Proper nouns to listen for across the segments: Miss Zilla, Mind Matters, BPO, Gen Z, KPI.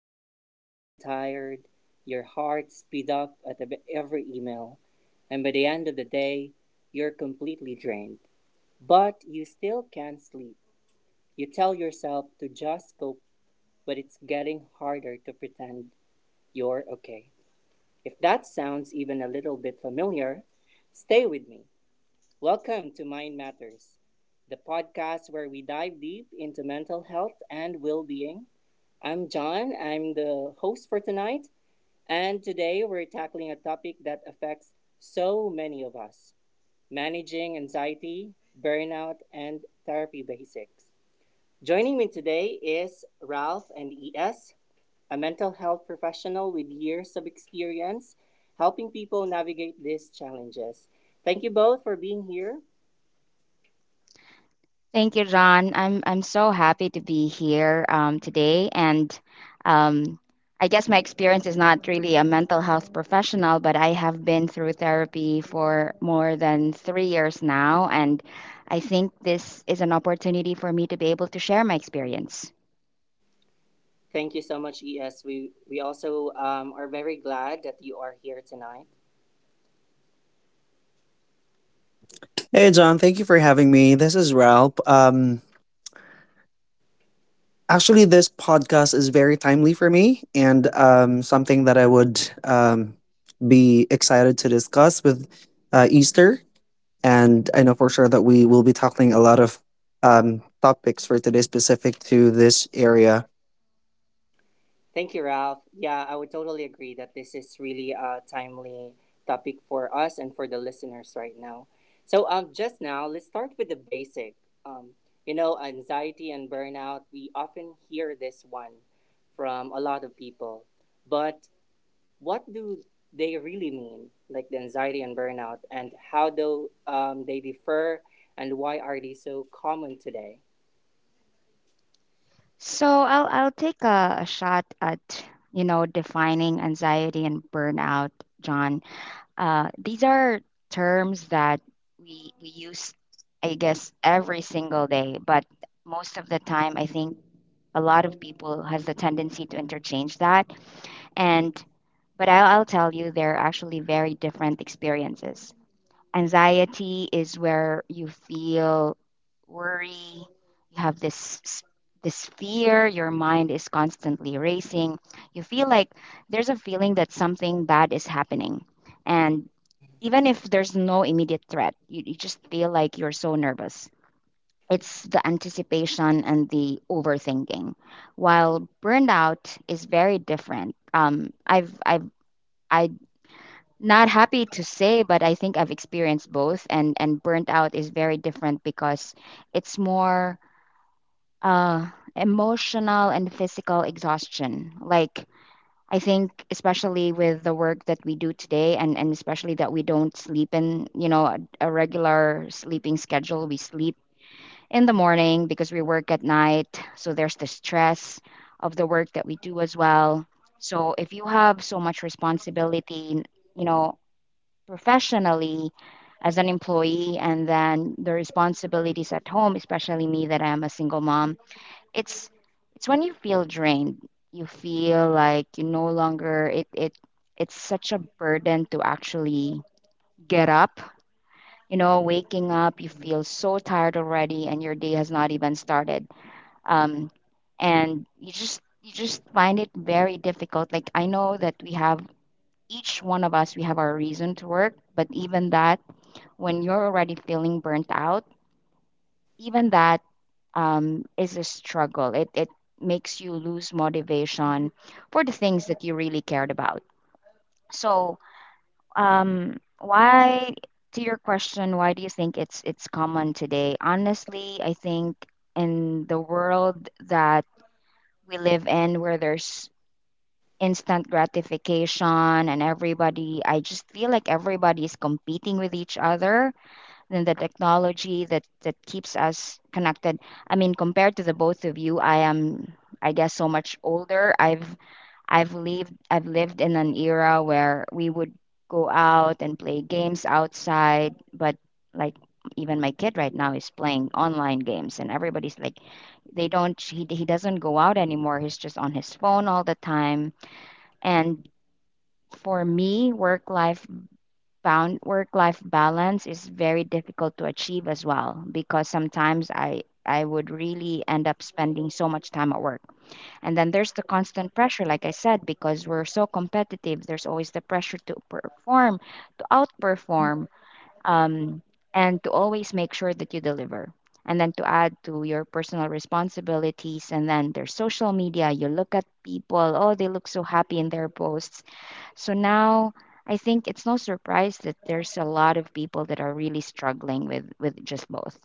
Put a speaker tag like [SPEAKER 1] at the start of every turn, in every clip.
[SPEAKER 1] You wake up already tired, your heart speeds up at every email, and by the end of the day, you're
[SPEAKER 2] yun?
[SPEAKER 1] completely drained. But you still can't sleep.
[SPEAKER 2] Di
[SPEAKER 1] You tell yourself to just cope, but it's getting harder to pretend you're okay. If that sounds even a little bit familiar, stay with me. Welcome to Mind Matters, the podcast where we dive deep into mental health and well being. I'm John. I'm the host for tonight. And today we're tackling a topic that affects so many of us: managing anxiety, burnout, and therapy basics. Joining me today is
[SPEAKER 2] ba
[SPEAKER 1] Ralph
[SPEAKER 2] yun?
[SPEAKER 1] and ES, a mental health professional with years of experience helping people navigate these challenges. Thank you both for being here.
[SPEAKER 2] Thank you, John. I'm so happy to be here today, and um, I guess my experience is not really a mental health professional, but I have been through therapy for more than 3 years now, and I think this is an opportunity for me to be able to share my experience.
[SPEAKER 1] Thank you so much, ES. We also are very glad that you are here tonight.
[SPEAKER 3] Hey John, thank you for having me. This is Ralph. Actually, this podcast is very timely for me, and something that I would be excited to discuss with Easter. And I know for sure that we will be tackling a lot of topics for today specific to this area.
[SPEAKER 1] Thank you, Ralph. Yeah, I would totally agree that this is really a timely topic for us and for the listeners right now. So, just now, let's start with the basic. Um, you know, anxiety and burnout, we often hear this one from a lot of people. But what do they really mean, like the anxiety and burnout, and how do they differ, and why are they so common today?
[SPEAKER 2] So I'll take a shot at defining anxiety and burnout, John. These are terms that we use, I guess, every single day. But most of the time, I think a lot of people has the tendency to interchange that. And but I'll tell you, they're actually very different experiences. Anxiety is where you feel worry, you have this fear, your mind is constantly racing. You feel like there's a feeling that something bad is happening. And even if there's no immediate threat, you just feel like you're so nervous. It's the anticipation and the overthinking. While burnout is very different. I not happy to say, but I think I've experienced both, and burnt out is very different because it's more uh, emotional and physical exhaustion. Like I think, especially with the work that we do today, and especially that we don't sleep in, a regular sleeping schedule. We sleep in the morning because we work at night, so there's the stress of the work that we do as well. So if you have so much responsibility, you know professionally as an employee, and then the responsibilities at home, especially me that I'm a single mom. It's it's when you feel drained, you feel like you no longer, it's such a burden to actually get up. Waking up, you feel so tired already and your day has not even started. um and you just find it very difficult. Like, I know that we have, each one of us, we have our reason to work, but even that, when you're already feeling burnt out, even that is a struggle. It makes you lose motivation for the things that you really cared about. So, why, to your question, why do you think it's common today? Honestly, I think in the world that we live in, where there's instant gratification and everybody, I just feel like everybody's competing with each other and the technology that keeps us connected. I mean, compared to the both of you, I am, I guess, so much older. I've lived in an era where we would go out and play games outside, but like, even my kid right now is playing online games and everybody's like, they don't he doesn't go out anymore, he's just on his phone all the time. And for me, work life found work life balance is very difficult to achieve as well, because sometimes I would really end up spending so much time at work. And then there's the constant pressure, like I said, because we're so competitive, there's always the pressure to perform, to outperform, um and to always make sure that you deliver. And then, to add, to your personal responsibilities, and then there's social media. You look at people, oh, they look so happy in their posts. So now I think it's no surprise that there's a lot of people that are really struggling with just both.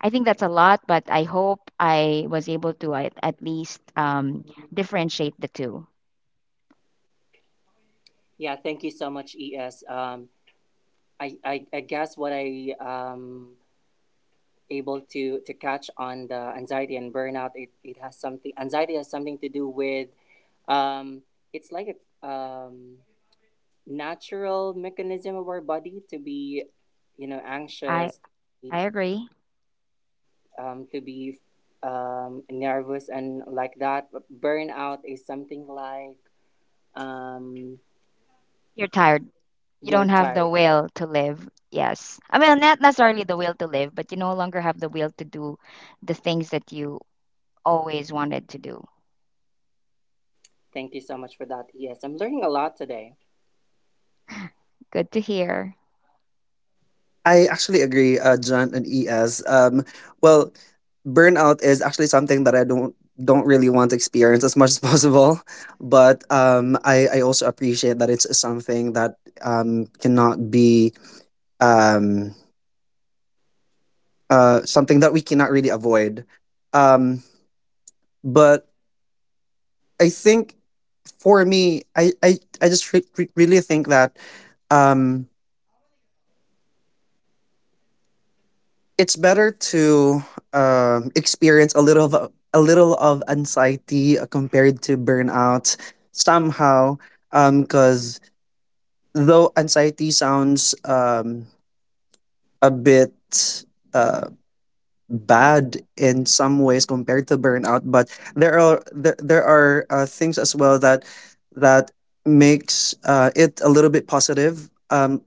[SPEAKER 2] I think that's a lot, but I hope I was able to at least differentiate the two.
[SPEAKER 1] Yeah, thank you so much, ES. I guess what I able to catch on the anxiety and burnout, it has something, anxiety has something to do with um it's like a natural mechanism of our body to be, you know,
[SPEAKER 2] I
[SPEAKER 1] anxious,
[SPEAKER 2] I agree.
[SPEAKER 1] to be nervous and like that. But burnout is something like um
[SPEAKER 2] You're tired. You
[SPEAKER 1] you're
[SPEAKER 2] don't have the
[SPEAKER 1] tired.
[SPEAKER 2] will to live. Yes. I
[SPEAKER 1] All
[SPEAKER 2] mean,
[SPEAKER 1] right,
[SPEAKER 2] not necessarily the will to live, but you no longer have the will to do the things that you always wanted to do.
[SPEAKER 1] thank you so much for that. Yes, I'm learning a lot today.
[SPEAKER 2] Good to hear.
[SPEAKER 3] I actually agree, John and ES. Well, burnout is actually something that I don't really want to experience as much as possible. But I also appreciate that it's something that cannot be um something that we cannot really avoid. Um, but I think for me, I just really think that um it's better to experience a little of a little of anxiety compared to burnout somehow, because though anxiety sounds a bit uh, bad in some ways compared to burnout, but there are there are things as well that that makes it a little bit positive.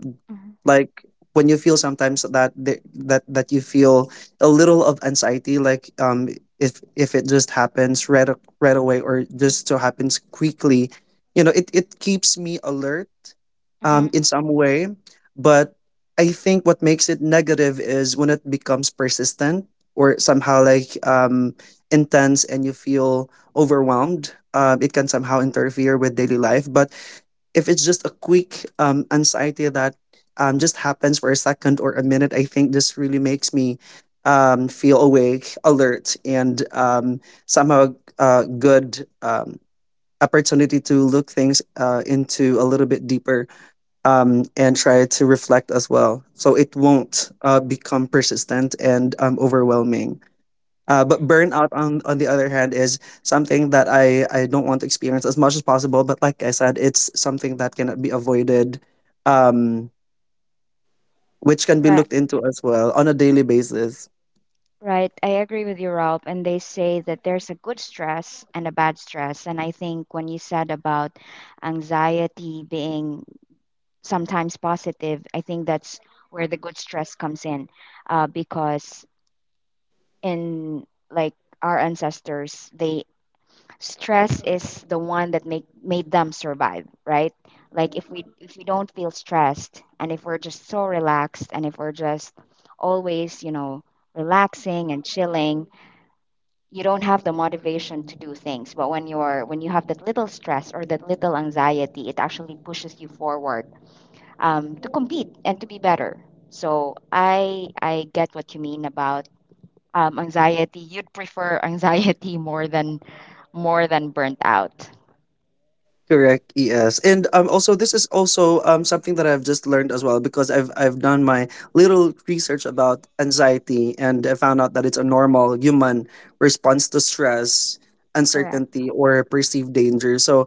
[SPEAKER 3] Like when you feel sometimes that that you feel a little of anxiety, like if it just happens right right away, or just so happens quickly, it keeps me alert
[SPEAKER 2] Mm-hmm.
[SPEAKER 3] in some way. But I think what makes it negative is when it becomes persistent, or somehow like intense, and you feel overwhelmed. It can somehow interfere with daily life. But if it's just a quick anxiety that just happens for a second or a minute, I think this really makes me feel awake, alert, and somehow a good opportunity to look things into a little bit deeper, and try to reflect as well. So it won't become persistent and overwhelming. But burnout, on the other hand, is something that I don't want to experience as much as possible. But like I said, it's something that cannot be avoided, um, which can be
[SPEAKER 2] Right.
[SPEAKER 3] looked into as well on a daily basis.
[SPEAKER 2] Right, I agree with you, Rob. And they say that there's a good stress and a bad stress. And I think when you said about anxiety being sometimes positive, I think that's where the good stress comes in, because in like our ancestors, they stress is the one that make made them survive, right? Like, if we don't feel stressed, and if we're just so relaxed, and if we're just always, you know, relaxing and chilling, you don't have the motivation to do things. But when you're, when you have that little stress or that little anxiety, it actually pushes you forward, to compete and to be better. So I get what you mean about anxiety. You'd prefer anxiety more than burnt out.
[SPEAKER 3] Correct. Yes, and also this is also something that I've just learned as well, because I've done my little research about anxiety, and I found out that it's a normal human response to stress,
[SPEAKER 2] Correct.
[SPEAKER 3] uncertainty, or perceived danger. So,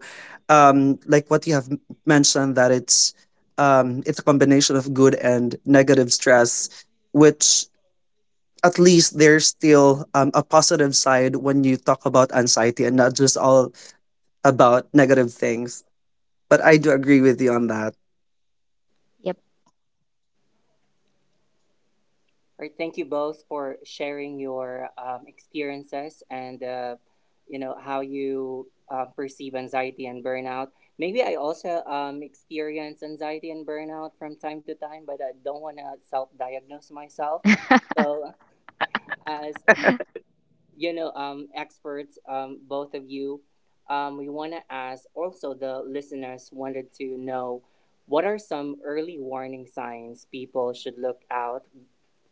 [SPEAKER 3] like what you have mentioned, that it's a combination of good and negative stress, which at least there's still a positive side when you talk about anxiety, and not just all about negative things. But I do agree with you on that.
[SPEAKER 2] Yep.
[SPEAKER 1] All right, thank you both for sharing your experiences and you know how you perceive anxiety and burnout. Maybe I also experience anxiety and burnout from time to time, but I don't want to self-diagnose myself. So, as you know, experts, both of you, we want to ask. Also, the listeners wanted to know what are some early warning signs people should look out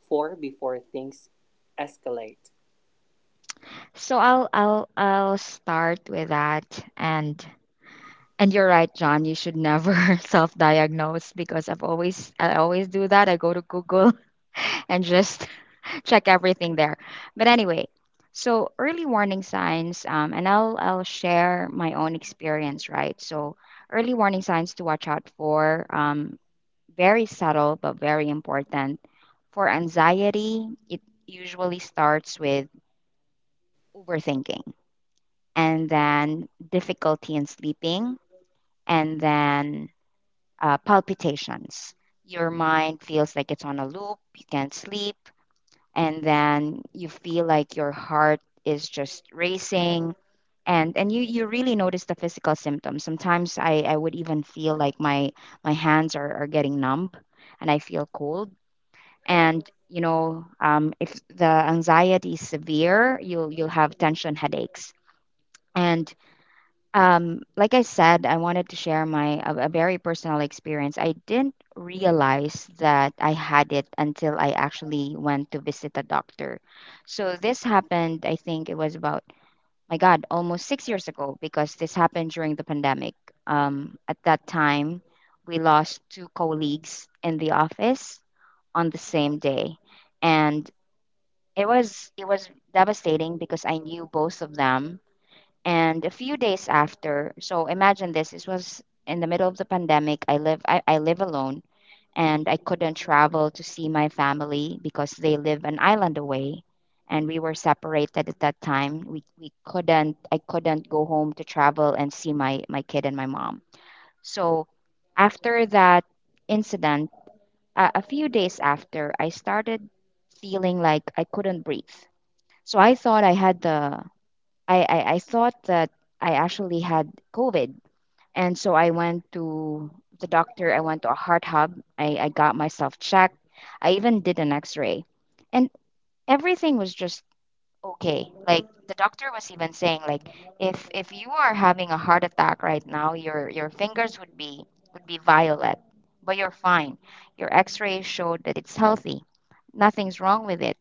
[SPEAKER 1] for before things escalate.
[SPEAKER 2] So I'll start with that. And and you're right, John, you should never self-diagnose, because I always do that. I go to Google and just check everything there. But anyway, so early warning signs, and I'll share my own experience, right? So early warning signs to watch out for, very subtle but very important. For anxiety, it usually starts with overthinking, and then difficulty in sleeping, and then palpitations. Your mind feels like it's on a loop. You can't sleep, and then you feel like your heart is just racing, and you really notice the physical symptoms. Sometimes I would even feel like my hands are getting numb and I feel cold. And if the anxiety is severe, you'll have tension headaches. And like I said, I wanted to share a very personal experience. I didn't realize that I had it until I actually went to visit a doctor. So this happened, I think it was about, my God, almost 6 years ago, because this happened during the pandemic. At that time, we lost two colleagues in the office on the same day, and it was, it was devastating because I knew both of them. And a few days after, so imagine this, this was in the middle of the pandemic. I live, I live alone, and I couldn't travel to see my family because they live an island away, and we were separated at that time. We couldn't, I couldn't go home to travel and see my kid and my mom. So after that incident, a few days after, I started feeling like I couldn't breathe. So I thought I had the, I thought that I actually had COVID. And so I went to the doctor, I went to a heart hub, I got myself checked, I even did an x ray. And everything was just okay. Like, the doctor was even saying, like, if you are having a heart attack right now, your fingers would be, violet, but you're fine. Your x ray showed that it's healthy. Nothing's wrong with it.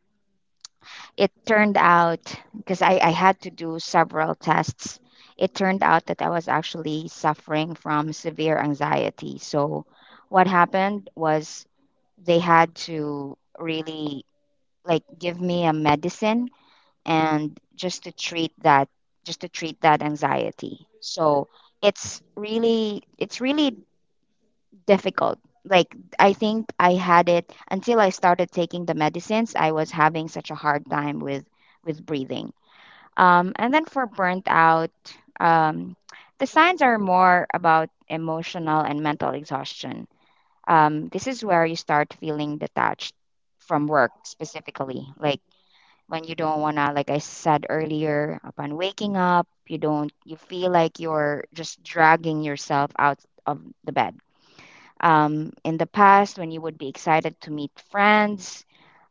[SPEAKER 2] It turned out, because I had to do several tests, it turned out that I was actually suffering from severe anxiety. So what happened was, they had to really, like, give me a medicine, and just to treat that, anxiety. So it's really, difficult. Like, I think I had it until I started taking the medicines. I was having such a hard time with breathing. And then, for burnt out, um, the signs are more about emotional and mental exhaustion. This is where you start feeling detached from work specifically. Like, when you don't wanna, like I said earlier, upon waking up, you don't, you feel like you're just dragging yourself out of the bed. In the past, when you would be excited to meet friends,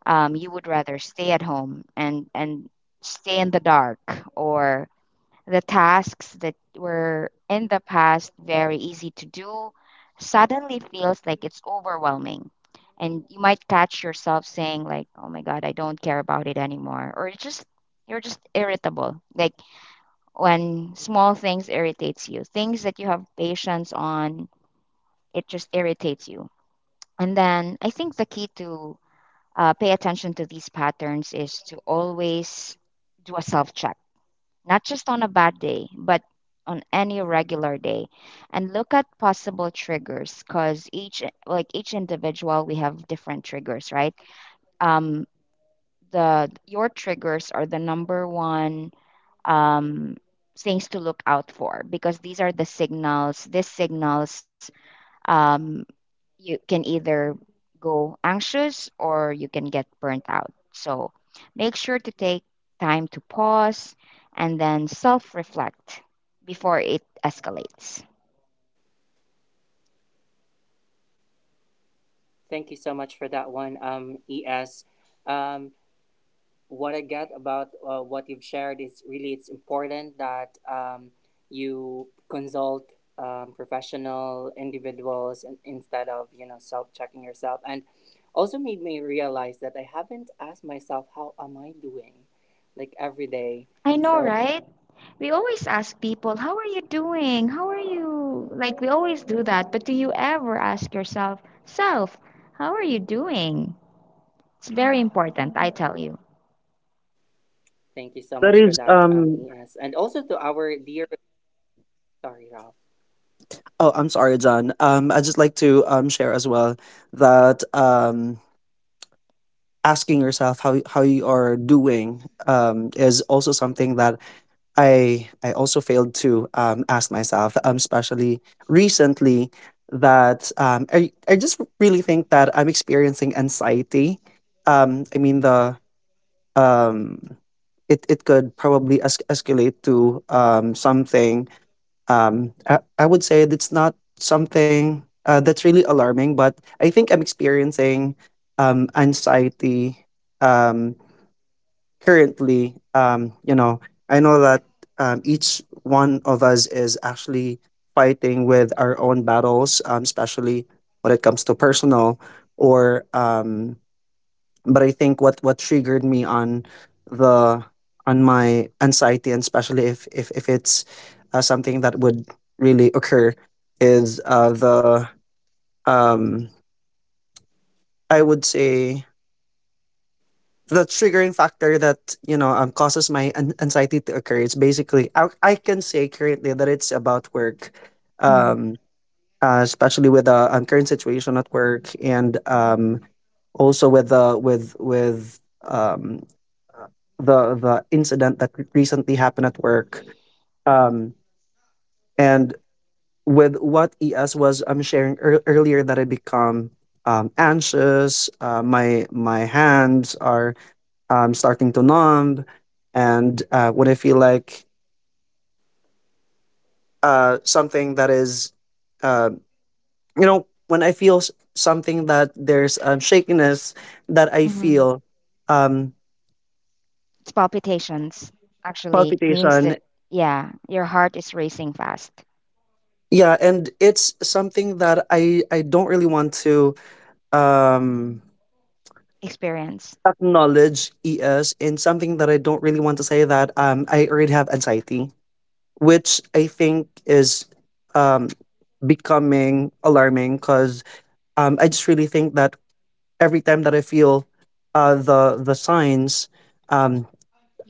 [SPEAKER 2] you would rather stay at home and stay in the dark, or the tasks that were in the past very easy to do suddenly feels like it's overwhelming. And you might catch yourself saying, like, "Oh my God, I don't care about it anymore," or it's just, you're just irritable. Like, when small things irritates you, things that you have patience on, it just irritates you. And then I think the key to pay attention to these patterns is to always do a self check, not just on a bad day, but on any regular day, and look at possible triggers, because each, like, each individual, we have different triggers, right? um the Your triggers are the number one um things to look out for, because these are the signals. These signals, um you can either go anxious or you can get burnt out. So make sure to take time to pause and then self reflect before it escalates.
[SPEAKER 1] Thank you so much for that one, ES. Um, what I get about what you've shared is really it's important that you consult professional individuals instead of, you know, self checking yourself, and also made me realize that I haven't asked myself how am I doing, like every day.
[SPEAKER 2] I know,
[SPEAKER 1] So
[SPEAKER 2] right? We always ask people, "How are you doing? How are you?" Like, we always do that. But do you ever ask yourself, "Self, how are you doing?" It's very important, I tell you.
[SPEAKER 1] thank you so
[SPEAKER 3] That
[SPEAKER 1] much for
[SPEAKER 3] is,
[SPEAKER 1] that,
[SPEAKER 3] um,
[SPEAKER 1] ES, and also to our dear, sorry, Rob.
[SPEAKER 3] oh, I'm sorry, John. I just like to share as well that asking yourself how you are doing is also something that I also failed to ask myself, especially recently, that I just really think that I'm experiencing anxiety. I mean, the um it could probably escalate to something. I would say that's not something that's really alarming, but I think I'm experiencing anxiety um, currently. I know that each one of us is actually fighting with our own battles, especially when it comes to personal or, but I think what triggered me on the on my anxiety, and especially if it's something that would really occur, is the um I would say the triggering factor that causes my anxiety to occur. It's basically I can say currently that it's about work, um especially with the current situation at work, and also with the with um the incident that recently happened at work, um, and with what ES was I'm sharing earlier, that I become anxious. My my hands are starting to numb, and when I feel like something that is uh, when I feel something, that there's shakiness that I
[SPEAKER 2] Mm-hmm.
[SPEAKER 3] feel. um,
[SPEAKER 2] It's palpitations, actually. It means
[SPEAKER 3] Palpitation.
[SPEAKER 2] that, yeah, your heart is racing fast.
[SPEAKER 3] Yeah, and it's something that I don't really want to um
[SPEAKER 2] Experience.
[SPEAKER 3] acknowledge, ES, and something that I don't really want to say, that I already have anxiety, which I think is um becoming alarming, because I just really think that every time that I feel the signs, um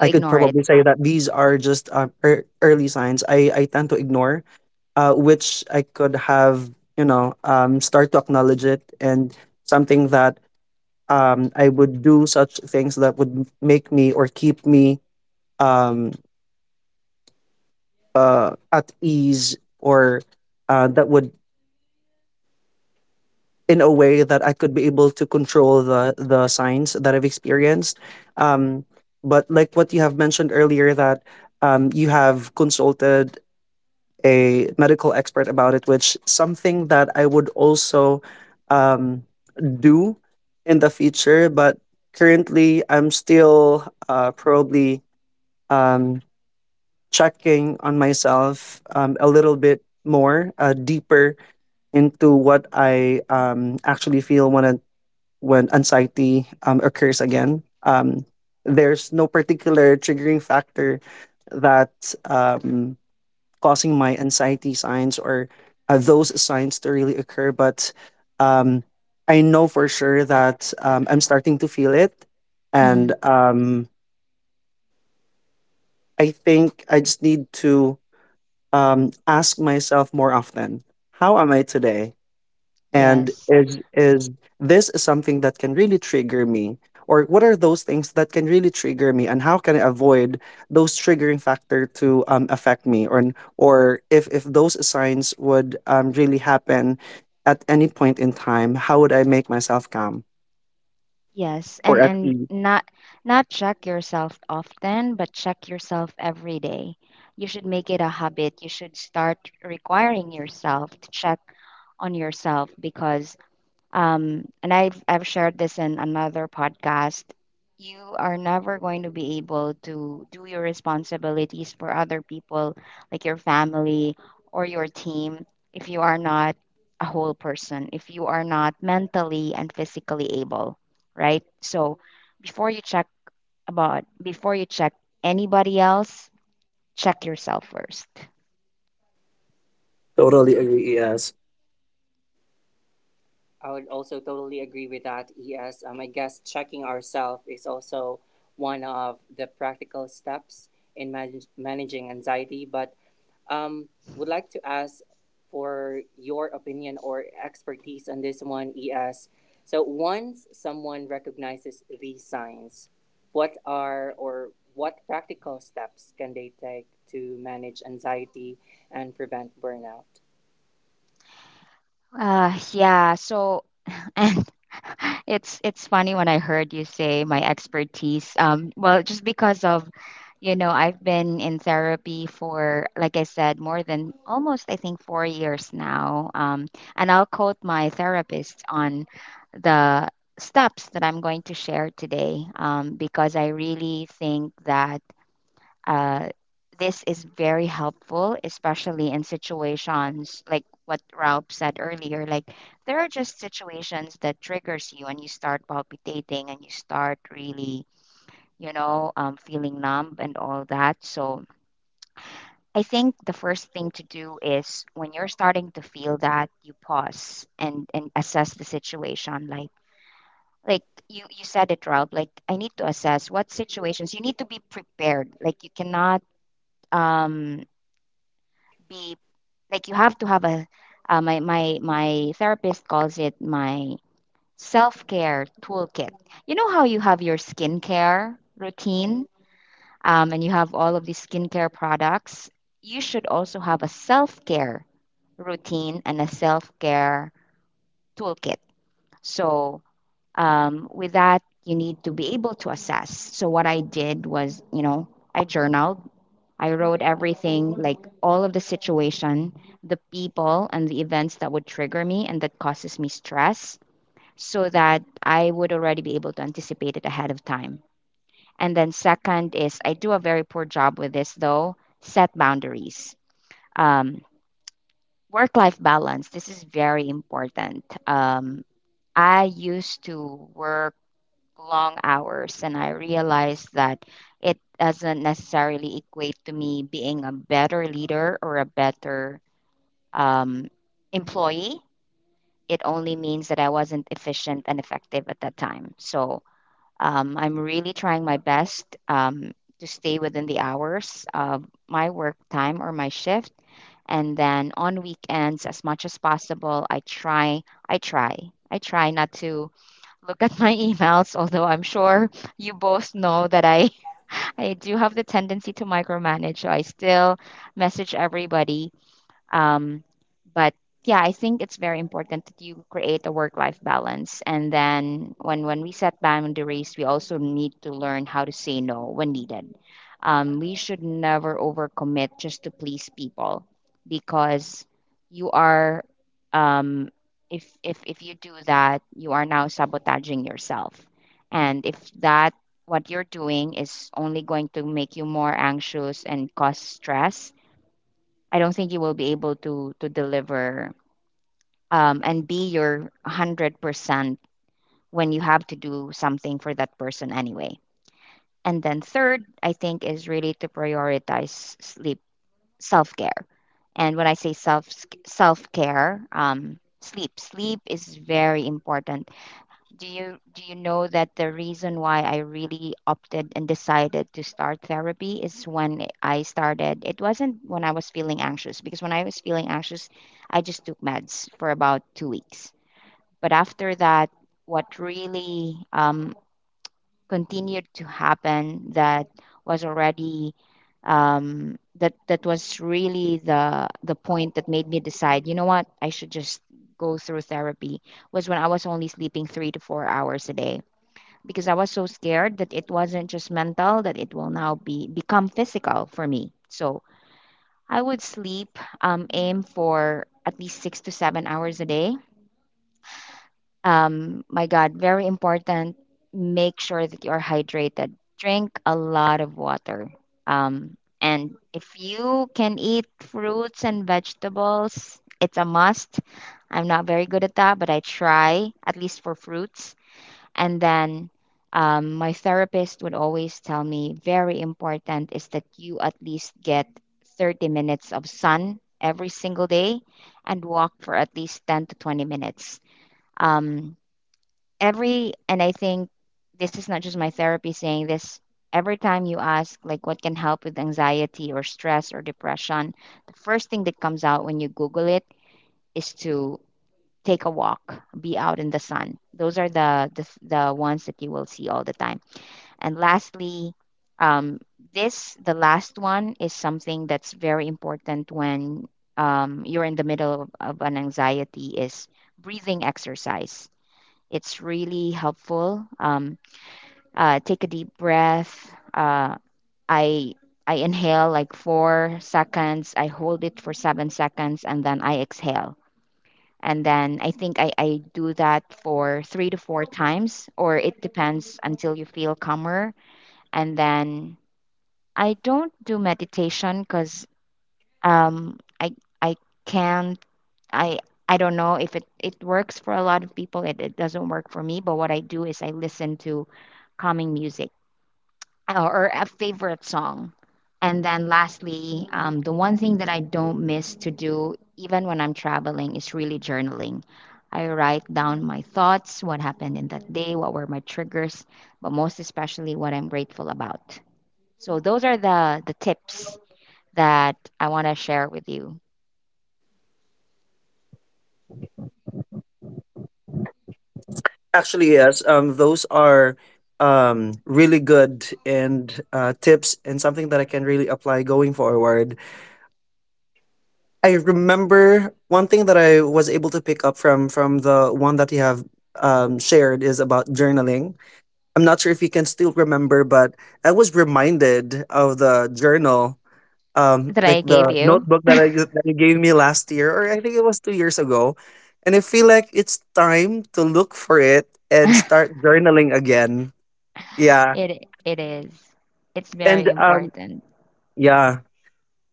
[SPEAKER 3] I could
[SPEAKER 2] ignore it.
[SPEAKER 3] probably say that these are just early signs I tend to ignore, which I could have, start to acknowledge. It and something that I would do such things that would make me or keep me um, at ease, or that would, in a way, that I could be able to control the signs that I've experienced. Um, but like what you have mentioned earlier, that you have consulted a medical expert about it, which something that I would also um, do in the future. But currently, I'm still probably um, checking on myself a little bit more deeper into what I actually feel when when anxiety occurs again. There's no particular triggering factor that um, causing my anxiety signs, or those signs to really occur. But um, I know for sure that I'm starting to feel it. And
[SPEAKER 2] Hmm.
[SPEAKER 3] I think I just need to ask myself more often, how am I today? And
[SPEAKER 2] Yes.
[SPEAKER 3] is this is something that can really trigger me, or what are those things that can really trigger me, and how can I avoid those triggering factor to affect me, or if those signs would really happen at any point in time, how would I make myself calm
[SPEAKER 2] Yes.
[SPEAKER 3] or
[SPEAKER 2] And
[SPEAKER 3] at
[SPEAKER 2] and
[SPEAKER 3] ease?
[SPEAKER 2] not not check yourself often, but check yourself every day. You should make it a habit. You should start requiring yourself to check on yourself because... I've shared this in another podcast. You are never going to be able to do your responsibilities for other people, like your family or your team, if you are not a whole person, if you are not mentally and physically able, right? So before you check about, before you check anybody else, check yourself first.
[SPEAKER 3] Totally agree, yes.
[SPEAKER 1] I would also totally agree with that, ES. I guess checking ourselves is also one of the practical steps in managing anxiety. But um, would like to ask for your opinion or expertise on this one, ES. So once someone recognizes these signs, what are or what practical steps can they take to manage anxiety and prevent burnout?
[SPEAKER 2] Yeah, so and. It's funny when I heard you say my expertise. Well, just because I've been in therapy for, like I said, more than almost I think four years now. And I'll quote my therapist on the steps that I'm going to share today, because I really think that uh, this is very helpful, especially in situations like what Ralph said earlier. Like there are just situations that triggers you, and you start palpitating, and you start really, feeling numb and all that. So I think the first thing to do is when you're starting to feel that, you pause and assess the situation. Like you said it, Ralph. Like I need to assess what situations you need to be prepared. Like you cannot um be like you have to have a my therapist calls it my self-care toolkit. You know how you have your skincare routine, and you have all of these skincare products. You should also have a self-care routine and a self-care toolkit. So with that, you need to be able to assess. So what I did was, you know, I journaled. I wrote everything, like all of the situation, the people, and the events that would trigger me and that causes me stress, so that I would already be able to anticipate it ahead of time. And then, second, is I do a very poor job with this though set boundaries. Um, work life balance, this is very important. I used to work long hours and I realized that it doesn't necessarily equate to me being a better leader or a better um, employee. It only means that I wasn't efficient and effective at that time. So I'm really trying my best to stay within the hours of my work time or my shift. And then on weekends, as much as possible, I try, I try not to look at my emails, although I'm sure you both know that I I do have the tendency to micromanage, so I still message everybody. Um, but yeah, I think it's very important that you create a work-life balance. And then when we set boundaries, we also need to learn how to say no when needed. We should never overcommit just to please people, because you are... um, if you do that, you are now sabotaging yourself. And if that what you're doing is only going to make you more anxious and cause stress, I don't think you will be able to deliver and be your 100% when you have to do something for that person anyway. And then third, I think is really to prioritize sleep, self-care. And when I say self-care, sleep, sleep is very important. Do you know that the reason why I really opted and decided to start therapy is when I started it wasn't when I was feeling anxious? Because when I was feeling anxious I just took meds for about 2 weeks, but after that what really continued to happen that was already... That was really the point that made me decide, you know what, I should just go through therapy, was when I was only sleeping three to four hours a day, because I was so scared that it wasn't just mental, that it will now be become physical for me. So I would sleep, aim for at least six to seven hours a day. My God, very important. Make sure that you are hydrated. Drink a lot of water. And if you can eat fruits and vegetables, it's a must. I'm not very good at that, but I try at least for fruits. And then my therapist would always tell me very important is that you at least get 30 minutes of sun every single day and walk for at least 10 to 20 minutes. Um, and I think this is not just my therapy saying this. Every time you ask, like, what can help with anxiety or stress or depression, the first thing that comes out when you Google it is to take a walk, be out in the sun. Those are the ones that you will see all the time. And lastly, um, this the last one is something that's very important when you're in the middle of an anxiety is breathing exercise. It's really helpful. Take a deep breath. Uh, I I inhale like four seconds. I hold it for seven seconds, and then I exhale and then I think I do that for three to four times or it depends until you feel calmer. And then I don't do meditation because um, i I can't. I i don't know if it works for a lot of people. It doesn't work for me, but what I do is I listen to calming music, or a favorite song. And then lastly, the one thing that I don't miss to do, even when I'm traveling, is really journaling. I write down my thoughts, what happened in that day, what were my triggers, but most especially what I'm grateful about. So those are the tips that I want to share with you.
[SPEAKER 3] Actually yes, those are really good and tips, and something that I can really apply going forward. I remember one thing that I was able to pick up from the one that you have shared, is about journaling. I'm not sure if you can still remember, but I was reminded of the journal,
[SPEAKER 2] That I
[SPEAKER 3] like
[SPEAKER 2] gave
[SPEAKER 3] the
[SPEAKER 2] you.
[SPEAKER 3] notebook that that you gave me last year, or I think it was 2 years ago, and I feel like it's time to look for it and start journaling again. Yeah,
[SPEAKER 2] It is. It's very
[SPEAKER 3] and
[SPEAKER 2] important.
[SPEAKER 3] yeah.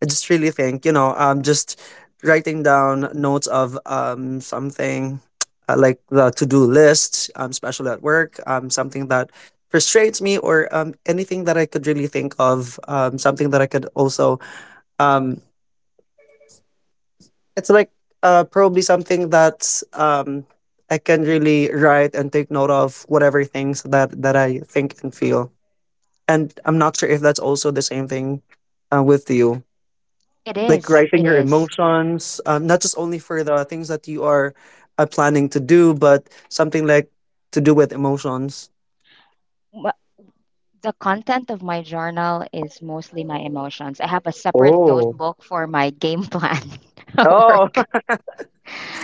[SPEAKER 3] I just really think, you know, just writing down notes of something like the to do list, especially at work, something that frustrates me, or anything that I could really think of, something that I could also, um, it's like probably something that's I can really write and take note of whatever things that I think and feel. And I'm not sure if that's also the same thing, with you.
[SPEAKER 2] It
[SPEAKER 3] Like
[SPEAKER 2] is.
[SPEAKER 3] writing
[SPEAKER 2] It
[SPEAKER 3] your
[SPEAKER 2] is.
[SPEAKER 3] emotions, not just only for the things that you are planning to do, but something like to do with emotions.
[SPEAKER 2] The content of my journal is mostly my emotions. I have a separate
[SPEAKER 3] Oh.
[SPEAKER 2] notebook for my game plan at
[SPEAKER 3] Oh,
[SPEAKER 2] work.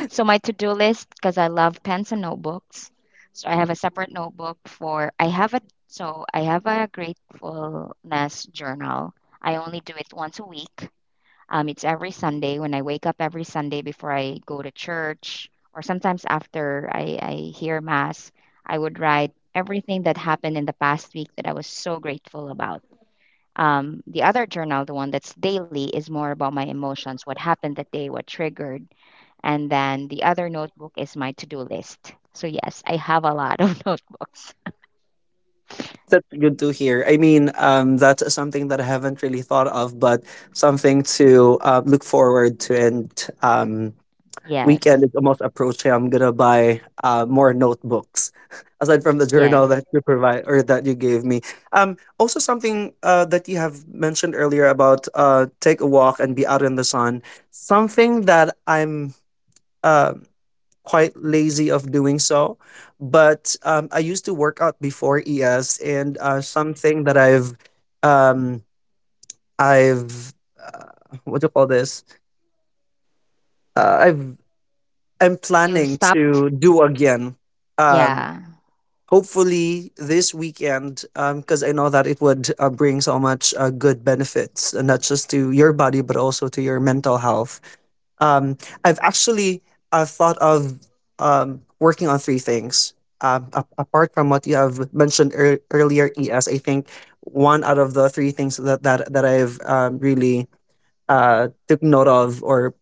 [SPEAKER 2] So my to-do list, because I love pens and notebooks. So I have a separate notebook for I have a so I have a gratefulness journal. I only do it once a week. It's every Sunday when I wake up every Sunday before I go to church or sometimes after I hear mass, I would write everything that happened in the past week that I was so grateful about. The other journal, the one that's daily, is more about my emotions, what happened that day, what triggered. And then the other notebook is my to do list. So, yes, I have a lot of notebooks.
[SPEAKER 3] that's good to hear. I mean, that's something that I haven't really thought of, but something to look forward to. And um, weekend
[SPEAKER 2] Yes,
[SPEAKER 3] is almost approaching, I'm gonna buy more notebooks aside from the journal that
[SPEAKER 2] yes.
[SPEAKER 3] you provide or that you gave me. Also something that you have mentioned earlier about take a walk and be out in the sun. Something that I'm uh, quite lazy of doing so, but I used to work out before, ES, and something that um, I've what do you call this? Uh, I've I'm
[SPEAKER 2] You
[SPEAKER 3] planning
[SPEAKER 2] stopped?
[SPEAKER 3] to do again. Um,
[SPEAKER 2] Yeah,
[SPEAKER 3] hopefully this weekend, because I know that it would bring so much good benefits, and not just to your body but also to your mental health. Um, I've actually thought of working on three things. Apart from what you have mentioned earlier, ES, I think one out of the three things that that I've really took note of or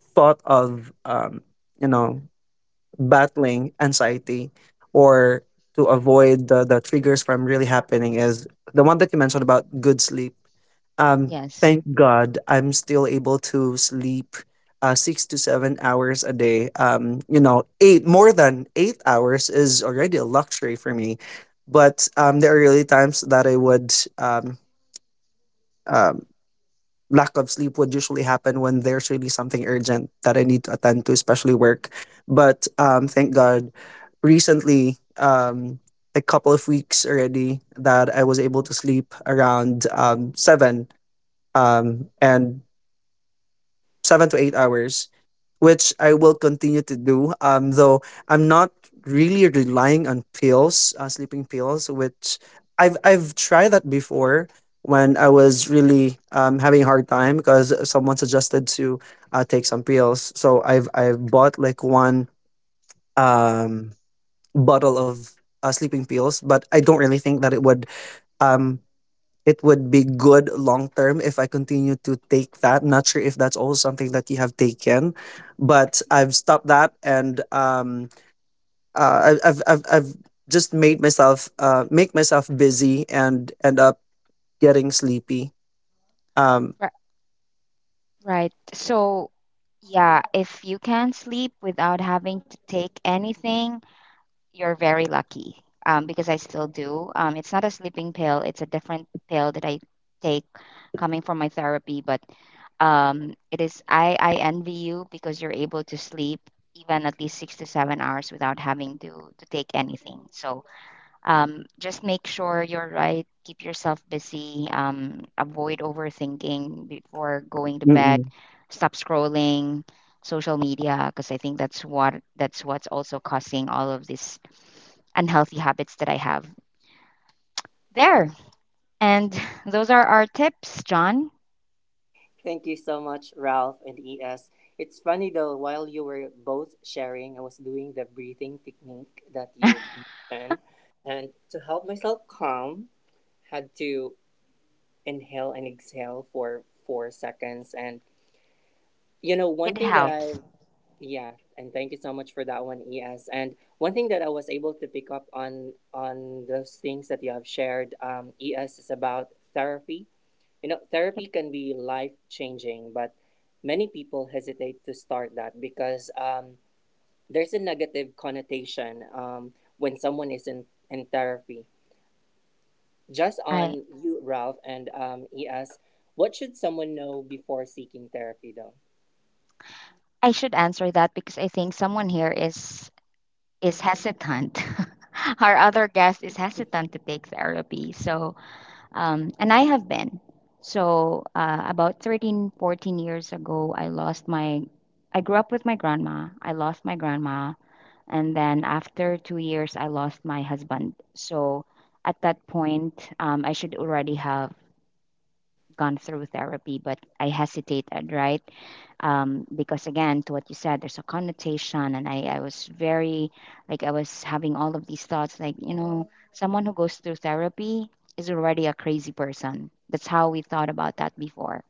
[SPEAKER 3] thought of, you know, battling anxiety, or to avoid the triggers from really happening, is the one that you mentioned about good sleep. Um,
[SPEAKER 2] yes.
[SPEAKER 3] thank God I'm still able to sleep 6 to 7 hours a day. Eight, more than 8 hours is already a luxury for me. But there are really times that I would um, um, lack of sleep would usually happen when there's really something urgent that I need to attend to, especially work. But thank God, recently, a couple of weeks already, that I was able to sleep around seven. And 7 to 8 hours, which I will continue to do. Though I'm not really relying on pills, sleeping pills, which I've tried that before when I was really having a hard time because someone suggested to take some pills. So I've bought like one um bottle of sleeping pills, but I don't really think that um it would be good long term if I continue to take that. Not sure if that's also something that you have taken, but I've stopped that and I've just made myself make myself busy and end up getting sleepy. Um,
[SPEAKER 2] Ri- Right. So, yeah, if you can sleep without having to take anything, you're very lucky. Because I still do. It's not a sleeping pill, it's a different pill that I take coming from my therapy, but... it is. I envy you because you're able to sleep even at least six to seven hours without having to take anything. So just make sure you're right. Keep yourself busy. Avoid overthinking before going to bed.
[SPEAKER 3] Mm-mm.
[SPEAKER 2] Stop scrolling social media because I think that's what's also causing all of these unhealthy habits that I have there. And those are our tips, John.
[SPEAKER 1] Thank you so much, Ralph and ES. It's funny though, while you were both sharing, I was doing the breathing technique that you've mentioned. And to help myself calm, had to inhale and exhale for 4 seconds. And you know,
[SPEAKER 2] It
[SPEAKER 1] one thing that
[SPEAKER 2] helps.
[SPEAKER 1] I've, yeah, and thank you so much for that one, ES. And one thing that I was able to pick up on those things that you have shared, ES, is about therapy. You know,
[SPEAKER 2] Yep.
[SPEAKER 1] therapy can be life changing, but many people hesitate to start that because there's a negative connotation when someone is in therapy. Just
[SPEAKER 2] I...
[SPEAKER 1] on you, Ralph, and ES, what should someone know before seeking therapy, though?
[SPEAKER 2] I should answer that because I think someone here is hesitant. Our other guest is hesitant to take therapy. So, and I have been. So, about 13, 14 ago, I lost my... I grew up with my grandma. I lost my grandma. And then after two years, I lost my husband. So, at that point, I should already have gone through therapy, but I hesitated, right? Because again to what you said there's a connotation and I was very... like I was having all of these thoughts like you know someone who goes through therapy is already a crazy person. That's how we thought about that before.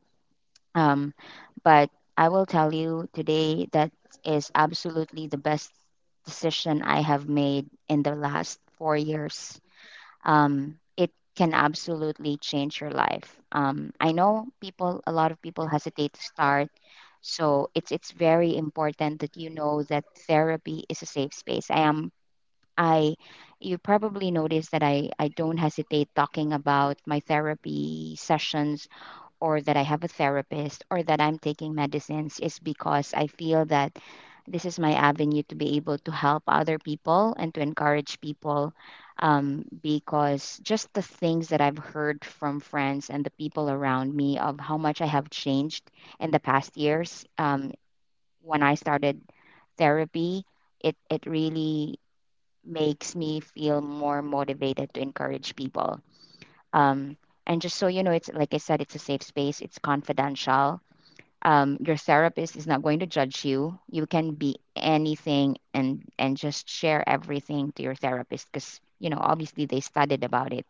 [SPEAKER 2] Um, but I will tell you today that is absolutely the best decision I have made in the last four years. Um, it can absolutely change your life. I know people, a lot of people hesitate to start, so it's very important that you know that therapy is a safe space. I am I you probably noticed that I don't hesitate talking about my therapy sessions or that I have a therapist or that I'm taking medicines is because I feel that this is my avenue to be able to help other people and to encourage people. Because just the things that I've heard from friends and the people around me of how much I have changed in the past years when I started therapy, it really makes me feel more motivated to encourage people. Um, and just so you know, it's like I said, it's a safe space, it's confidential. Your therapist is not going to judge you. You can be anything and just share everything to your therapist because you know obviously they studied about it.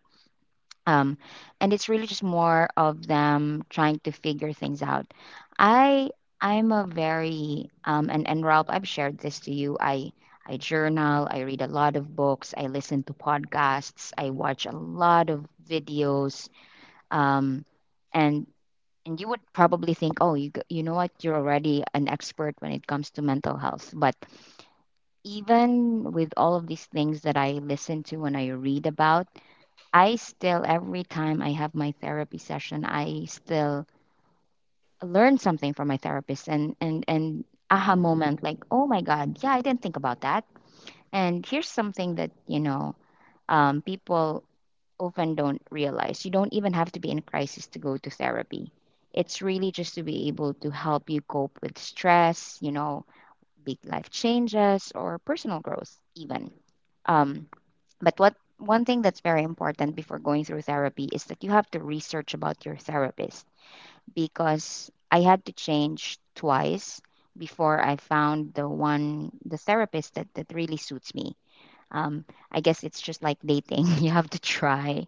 [SPEAKER 2] Um, and it's really just more of them trying to figure things out. I I'm a very and Ralph, I've shared this to you. I journal, I read a lot of books, I listen to podcasts, I watch a lot of videos um, and you would probably think, oh, you know what, you're already an expert when it comes to mental health. But even with all of these things that I listen to and I read about, I still every time I have my therapy session, I still learn something from my therapist and aha moment like, oh my God, yeah, I didn't think about that. And here's something that people often don't realize. You don't even have to be in crisis to go to therapy. It's really just to be able to help you cope with stress, you know, big life changes or personal growth, even. Um, but what one thing that's very important before going through therapy is that you have to research about your therapist because I had to change twice before I found the one, the therapist that, really suits me. Um, I guess it's just like dating. You have to try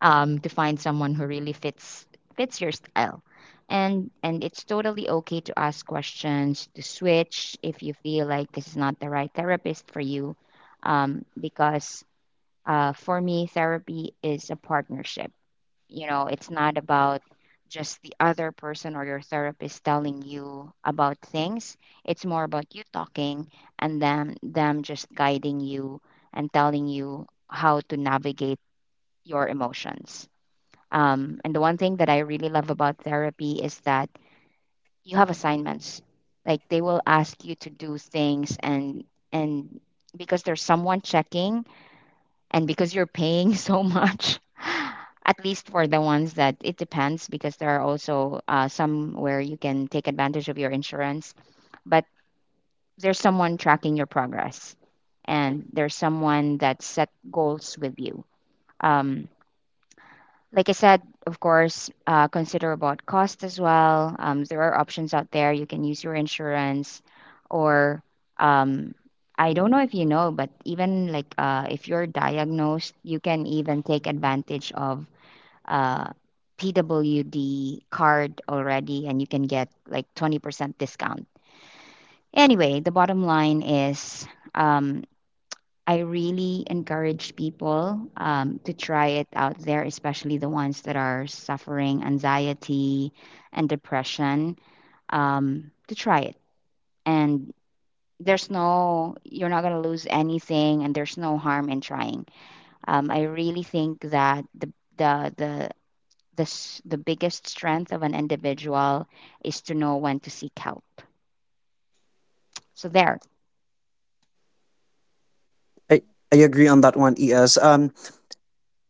[SPEAKER 2] to find someone who really fits your style. And it's totally okay to ask questions, to switch if you feel like this is not the right therapist for you. Because for me, therapy is a partnership. You know, it's not about just the other person or your therapist telling you about things. It's more about you talking and them just guiding you and telling you how to navigate your emotions. And the one thing that I really love about therapy is that you have assignments. Like they will ask you to do things, and and because there's someone checking and because you're paying so much, at least for the ones that it depends because there are also some where you can take advantage of your insurance, but there's someone tracking your progress and there's someone that set goals with you. Um, like I said, of course, consider about cost as well. There are options out there. You can use your insurance, or um, I don't know if you know, but even like if you're diagnosed, you can even take advantage of uh, PWD card already, and you can get like 20% discount. Anyway, the bottom line is. Um, I really encourage people to try it out there, especially the ones that are suffering anxiety and depression, to try it. And there's no, you're not going to lose anything, and there's no harm in trying. I really think that the, the, the biggest strength of an individual is to know when to seek help. So, there.
[SPEAKER 3] I, I agree on that one, ES.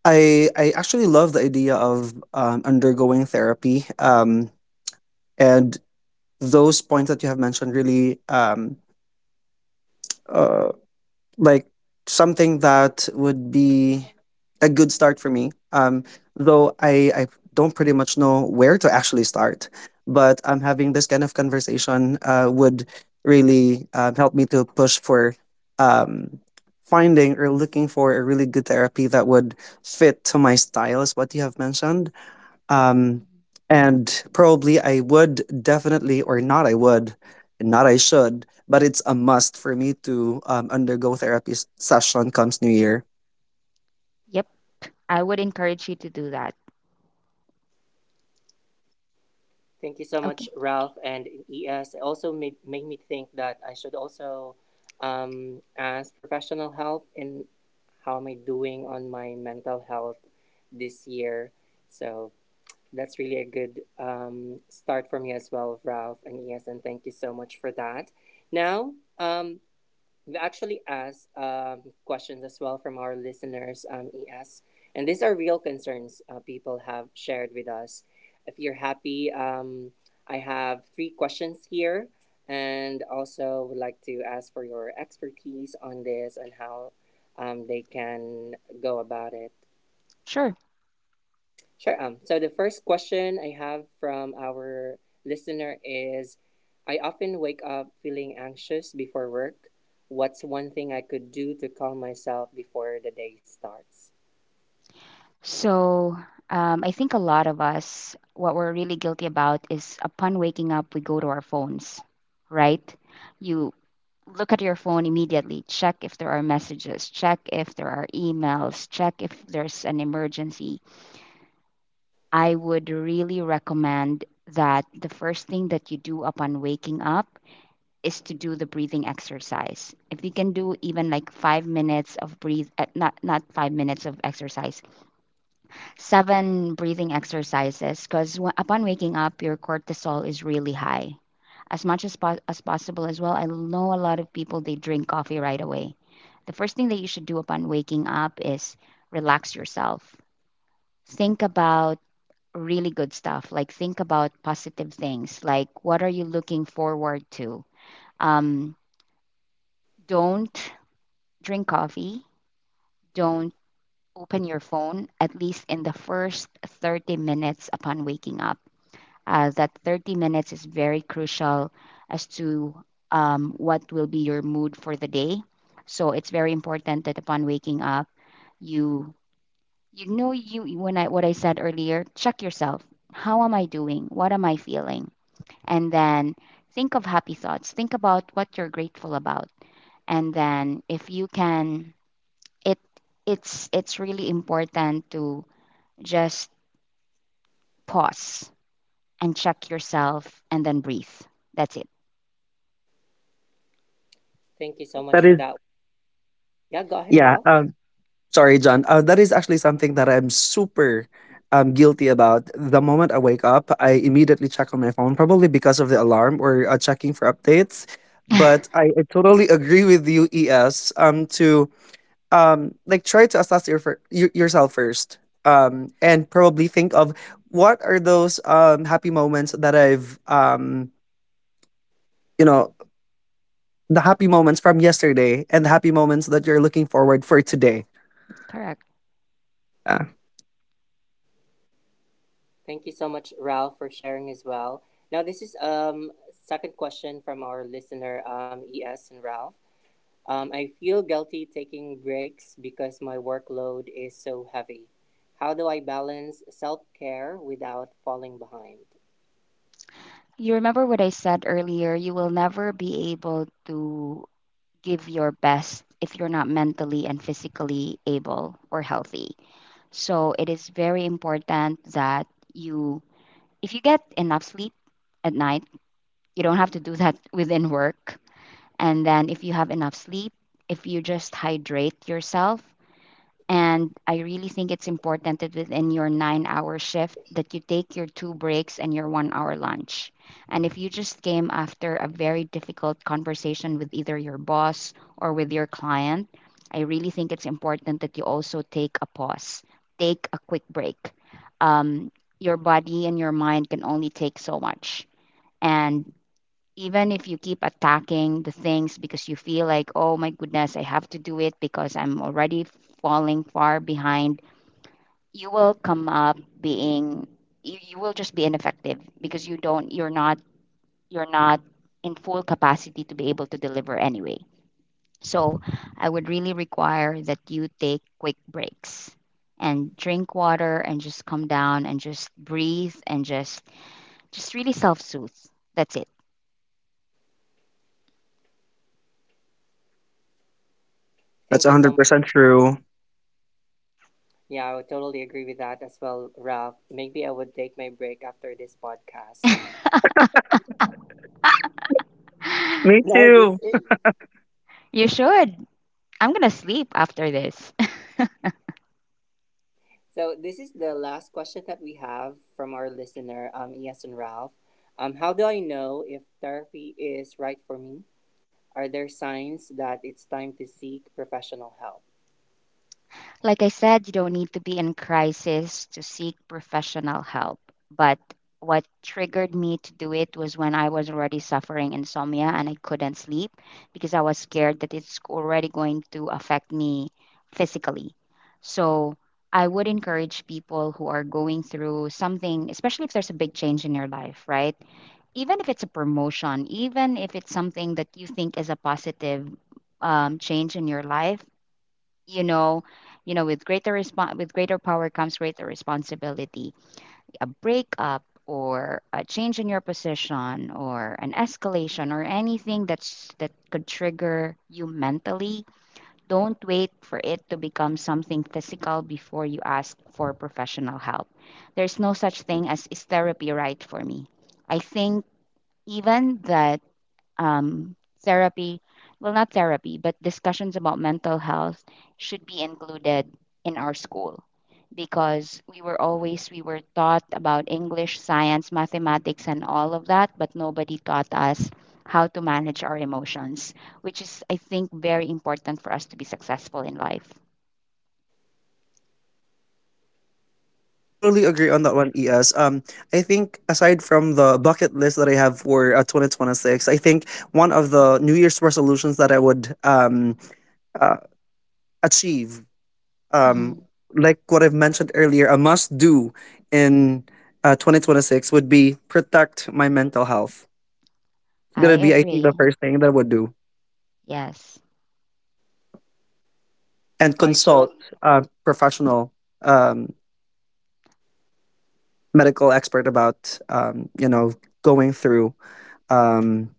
[SPEAKER 3] I actually love the idea of undergoing therapy. And those points that you have mentioned really uh like something that would be a good start for me though I don't pretty much know where to actually start, but having this kind of conversation would really help me to push for um finding or looking for a really good therapy that would fit to my style is what you have mentioned. um
[SPEAKER 2] Mhm.
[SPEAKER 3] and probably I would definitely or not I would not I should but it's a must for me to undergo therapy session comes new year.
[SPEAKER 2] Yep. I would encourage you to do that.
[SPEAKER 1] Thank you so much,
[SPEAKER 2] Okay.
[SPEAKER 1] Ralph and ES. It also made me think that I should also ask professional help in how am I doing on my mental health this year. So that's really a good start for me as well, Ralph and Yes, and thank you so much for that. Now, um, we actually asked questions as well from our listeners, ES, and these are real concerns people have shared with us. If you're happy, I have three questions here, and also would like to ask for your expertise on this and how they can go about it.
[SPEAKER 2] Sure.
[SPEAKER 1] Sure. So the first question I have from our listener is: I often wake up feeling anxious before work. What's one thing I could do to calm myself before the day starts?
[SPEAKER 2] So, I think a lot of us, what we're really guilty about is upon waking up, we go to our phones, right? You look at your phone immediately, check if there are messages, check if there are emails, check if there's an emergency. I would really recommend that the first thing that you do upon waking up is to do the breathing exercise. If you can do even like 5 minutes of breathe, not 5 minutes of exercise, seven breathing exercises because upon waking up, your cortisol is really high as much as, as possible as well. I know a lot of people they drink coffee right away. The first thing that you should do upon waking up is relax yourself. Think about really good stuff, like think about positive things, like what are you looking forward to? Um, don't drink coffee. Don't open your phone at least in the first 30 minutes upon waking up that 30 minutes is very crucial as to what will be your mood for the day. So it's very important that upon waking up, you when I what I said earlier, check yourself. How am I doing? What am I feeling? And then think of happy thoughts. Think about what you're grateful about. And then if you can it it's really important to just pause and check yourself and then breathe. That's it.
[SPEAKER 1] Thank you so much
[SPEAKER 3] That
[SPEAKER 1] for
[SPEAKER 3] is,
[SPEAKER 1] that. Yeah, go ahead,
[SPEAKER 3] yeah,
[SPEAKER 1] Ralph.
[SPEAKER 3] sorry John, that is actually something that I'm super guilty about. The moment I wake up I immediately check on my phone, probably because of the alarm or checking for updates. But I totally agree with you, ES. To like try to assess your yourself first and probably think of what are those happy moments that I've you know the happy moments from yesterday and the happy moments that you're looking forward for today.
[SPEAKER 2] Correct.
[SPEAKER 3] Yeah,
[SPEAKER 1] Thank you so much, Ralph, for sharing as well. Now this is second question from our listener, ES and Ralph. I feel guilty taking breaks because my workload is so heavy. How do I balance self care without falling behind?
[SPEAKER 2] You remember what I said earlier, you will never be able to give your best if you're not mentally and physically able or healthy. So it is very important that you, if you get enough sleep at night, you don't have to do that within work. And then if you have enough sleep, if you just hydrate yourself, and I really think it's important that within your 9 hour shift that you take your two breaks and your 1 hour lunch. And if you just came after a very difficult conversation with either your boss or with your client, I really think it's important that you also take a pause, take a quick break. Um, your body and your mind can only take so much. And even if you keep attacking the things because you feel like, oh my goodness, I have to do it because I'm already falling far behind, you will come up being, you will just be ineffective because you're not in full capacity to be able to deliver anyway. So I would really require that you take quick breaks and drink water and just come down and just breathe and just really self soothe. That's it.
[SPEAKER 3] that's
[SPEAKER 1] Thank you so much.
[SPEAKER 3] 100% true.
[SPEAKER 1] Yeah, I would totally agree with that as well, Ralph. Maybe I would take my break after this podcast.
[SPEAKER 3] Me
[SPEAKER 1] No, this
[SPEAKER 3] too.
[SPEAKER 1] is,
[SPEAKER 2] You should. I'm going to sleep after this.
[SPEAKER 1] so, this is the last question that we have from our listener, Yes and Ralph. How do I know if therapy is right for me? Are there signs that it's time to seek professional help?
[SPEAKER 2] Like I said, you don't need to be in crisis to seek professional help. But what triggered me to do it was when I was already suffering insomnia and I couldn't sleep because I was scared that it's already going to affect me physically. So I would encourage people who are going through something, especially if there's a big change in your life, right? Even if it's a promotion, even if it's something that you think is a positive change in your life, you know you know with greater respon with greater power comes greater responsibility, a breakup or a change in your position or an escalation or anything that could trigger you mentally. Don't wait for it to become something physical before you ask for professional help. There's no such thing as is therapy right for me. I think even the um, therapy, not therapy, but discussions about mental health should be included in our school because we were taught about English, science, mathematics and all of that, but nobody taught us how to manage our emotions, which is I think very important for us to be successful in life.
[SPEAKER 3] Totally agree on that one, ES. I think aside from the bucket list that I have for 2026, I think one of the new year's resolutions that I would uh, achieve, um,
[SPEAKER 2] Mhm.
[SPEAKER 3] like what I've mentioned earlier, a must do in 2026 would be protect my mental health. It's
[SPEAKER 2] I
[SPEAKER 3] gonna be, I think,
[SPEAKER 2] agree.
[SPEAKER 3] the first thing that I would do,
[SPEAKER 2] Yes.
[SPEAKER 3] and
[SPEAKER 1] I
[SPEAKER 3] consult
[SPEAKER 1] total
[SPEAKER 3] a professional um, medical expert about, you know, going through um,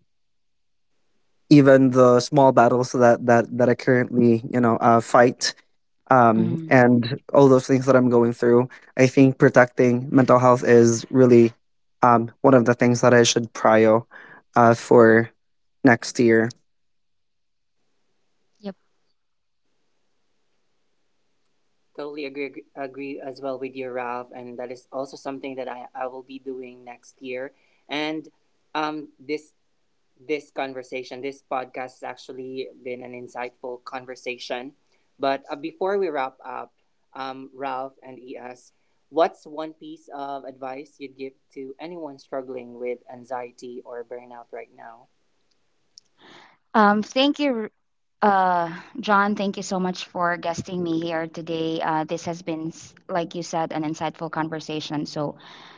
[SPEAKER 3] even the small battles that I currently, you know, fight,
[SPEAKER 2] Mhm.
[SPEAKER 3] and all those things that I'm going through. I think protecting mental health is really one of the things that I should prio for next year.
[SPEAKER 2] Yep.
[SPEAKER 1] Totally agree as well with you, Ralph. And that is also something that I will be doing next year. And this this conversation, this podcast has actually been an insightful conversation. But before we wrap up, Ralph and ES, what's one piece of advice you'd give to anyone struggling with anxiety or burnout right now?
[SPEAKER 2] Thank you, John, thank you so much for guesting me here today. This has been, like you said, an insightful conversation. So,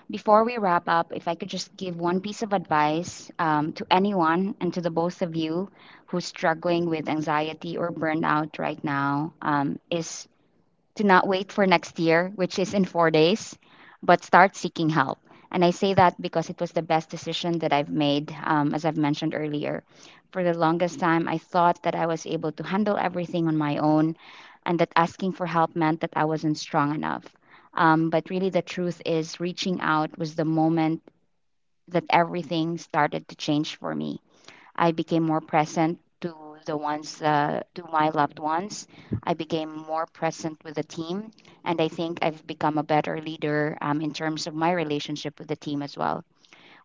[SPEAKER 2] before we wrap up, if I could just give one piece of advice to anyone and to the both of you who's struggling with anxiety or burnout right now, is to not wait for next year, which is in 4 days, but start seeking help. And I say that because it was the best decision that I've made, as I've mentioned earlier. For the longest time, I thought that I was able to handle everything on my own and that asking for help meant that I wasn't strong enough. But really, the truth is, reaching out was the moment that everything started to change for me. I became more present to to my loved ones. I became more present with the team. And I think I've become a better leader in terms of my relationship with the team as well.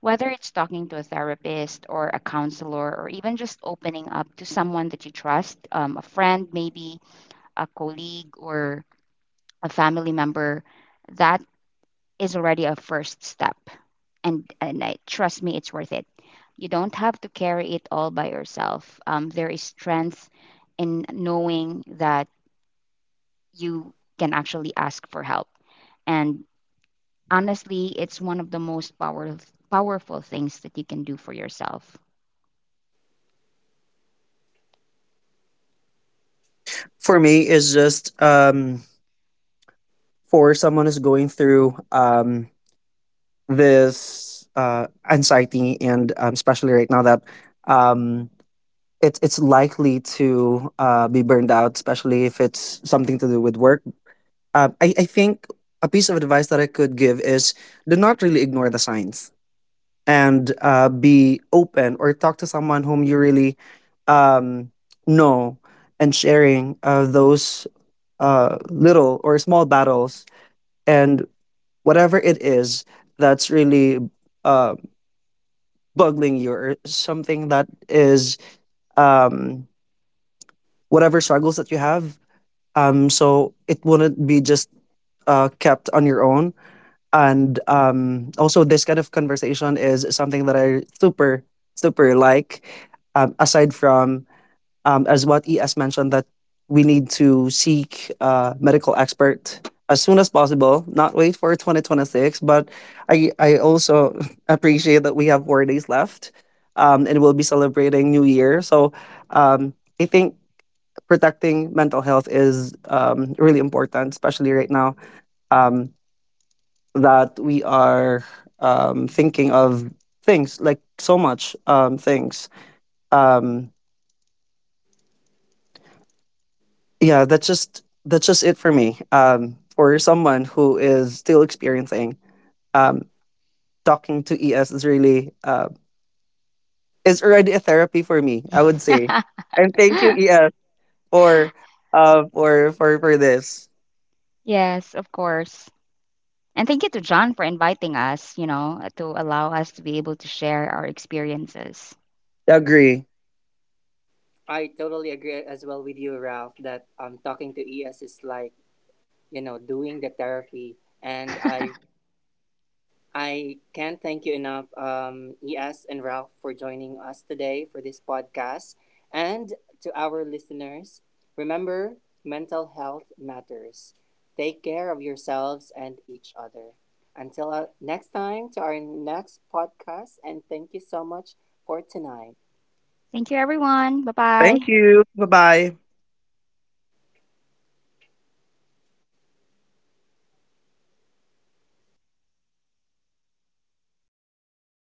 [SPEAKER 2] Whether it's talking to a therapist or a counselor, or even just opening up to someone that you trust, a friend, maybe a colleague or a family member, that is already a first step, and trust me, it's worth it. You don't have to carry it all by yourself. There is strength in knowing that you can actually ask for help. And honestly, it's one of the most powerful things that you can do for yourself.
[SPEAKER 3] For me, is just for someone who's going through this anxiety, and especially right now that um, it's likely to be burned out, especially if it's something to do with work. I think a piece of advice that I could give is do not really ignore the signs and be open or talk to someone whom you really um, know, and sharing those little or small battles and whatever it is that's really uh, bugging you, or something that is um, whatever struggles that you have. So it wouldn't be just kept on your own. And um also this kind of conversation is something that I super super like. Aside from as what ES mentioned, that we need to seek a medical expert as soon as possible, not wait for 2026. But I also appreciate that we have 4 days left, and we'll be celebrating New Year. So um, I think protecting mental health is really important, especially right now. Um, that we are thinking of things, like so much things. Um, yeah, that's just it for me. For someone who is still experiencing, um, talking to ES is really is already a therapy for me, I would say. And thank you, ES, for this.
[SPEAKER 2] Yes, of course. And thank you to John for inviting us, you know, to allow us to be able to share our experiences.
[SPEAKER 3] Agree.
[SPEAKER 1] I totally agree as well with you, Ralph, that talking to ES is like, you know, doing the therapy. And I can't thank you enough, ES and Ralph, for joining us today for this podcast. And to our listeners, remember, mental health matters. Take care of yourselves and each other. Until next time, to our next podcast, and thank you so much for tonight.
[SPEAKER 2] Thank you, everyone. Bye bye.
[SPEAKER 3] Thank you. Bye bye.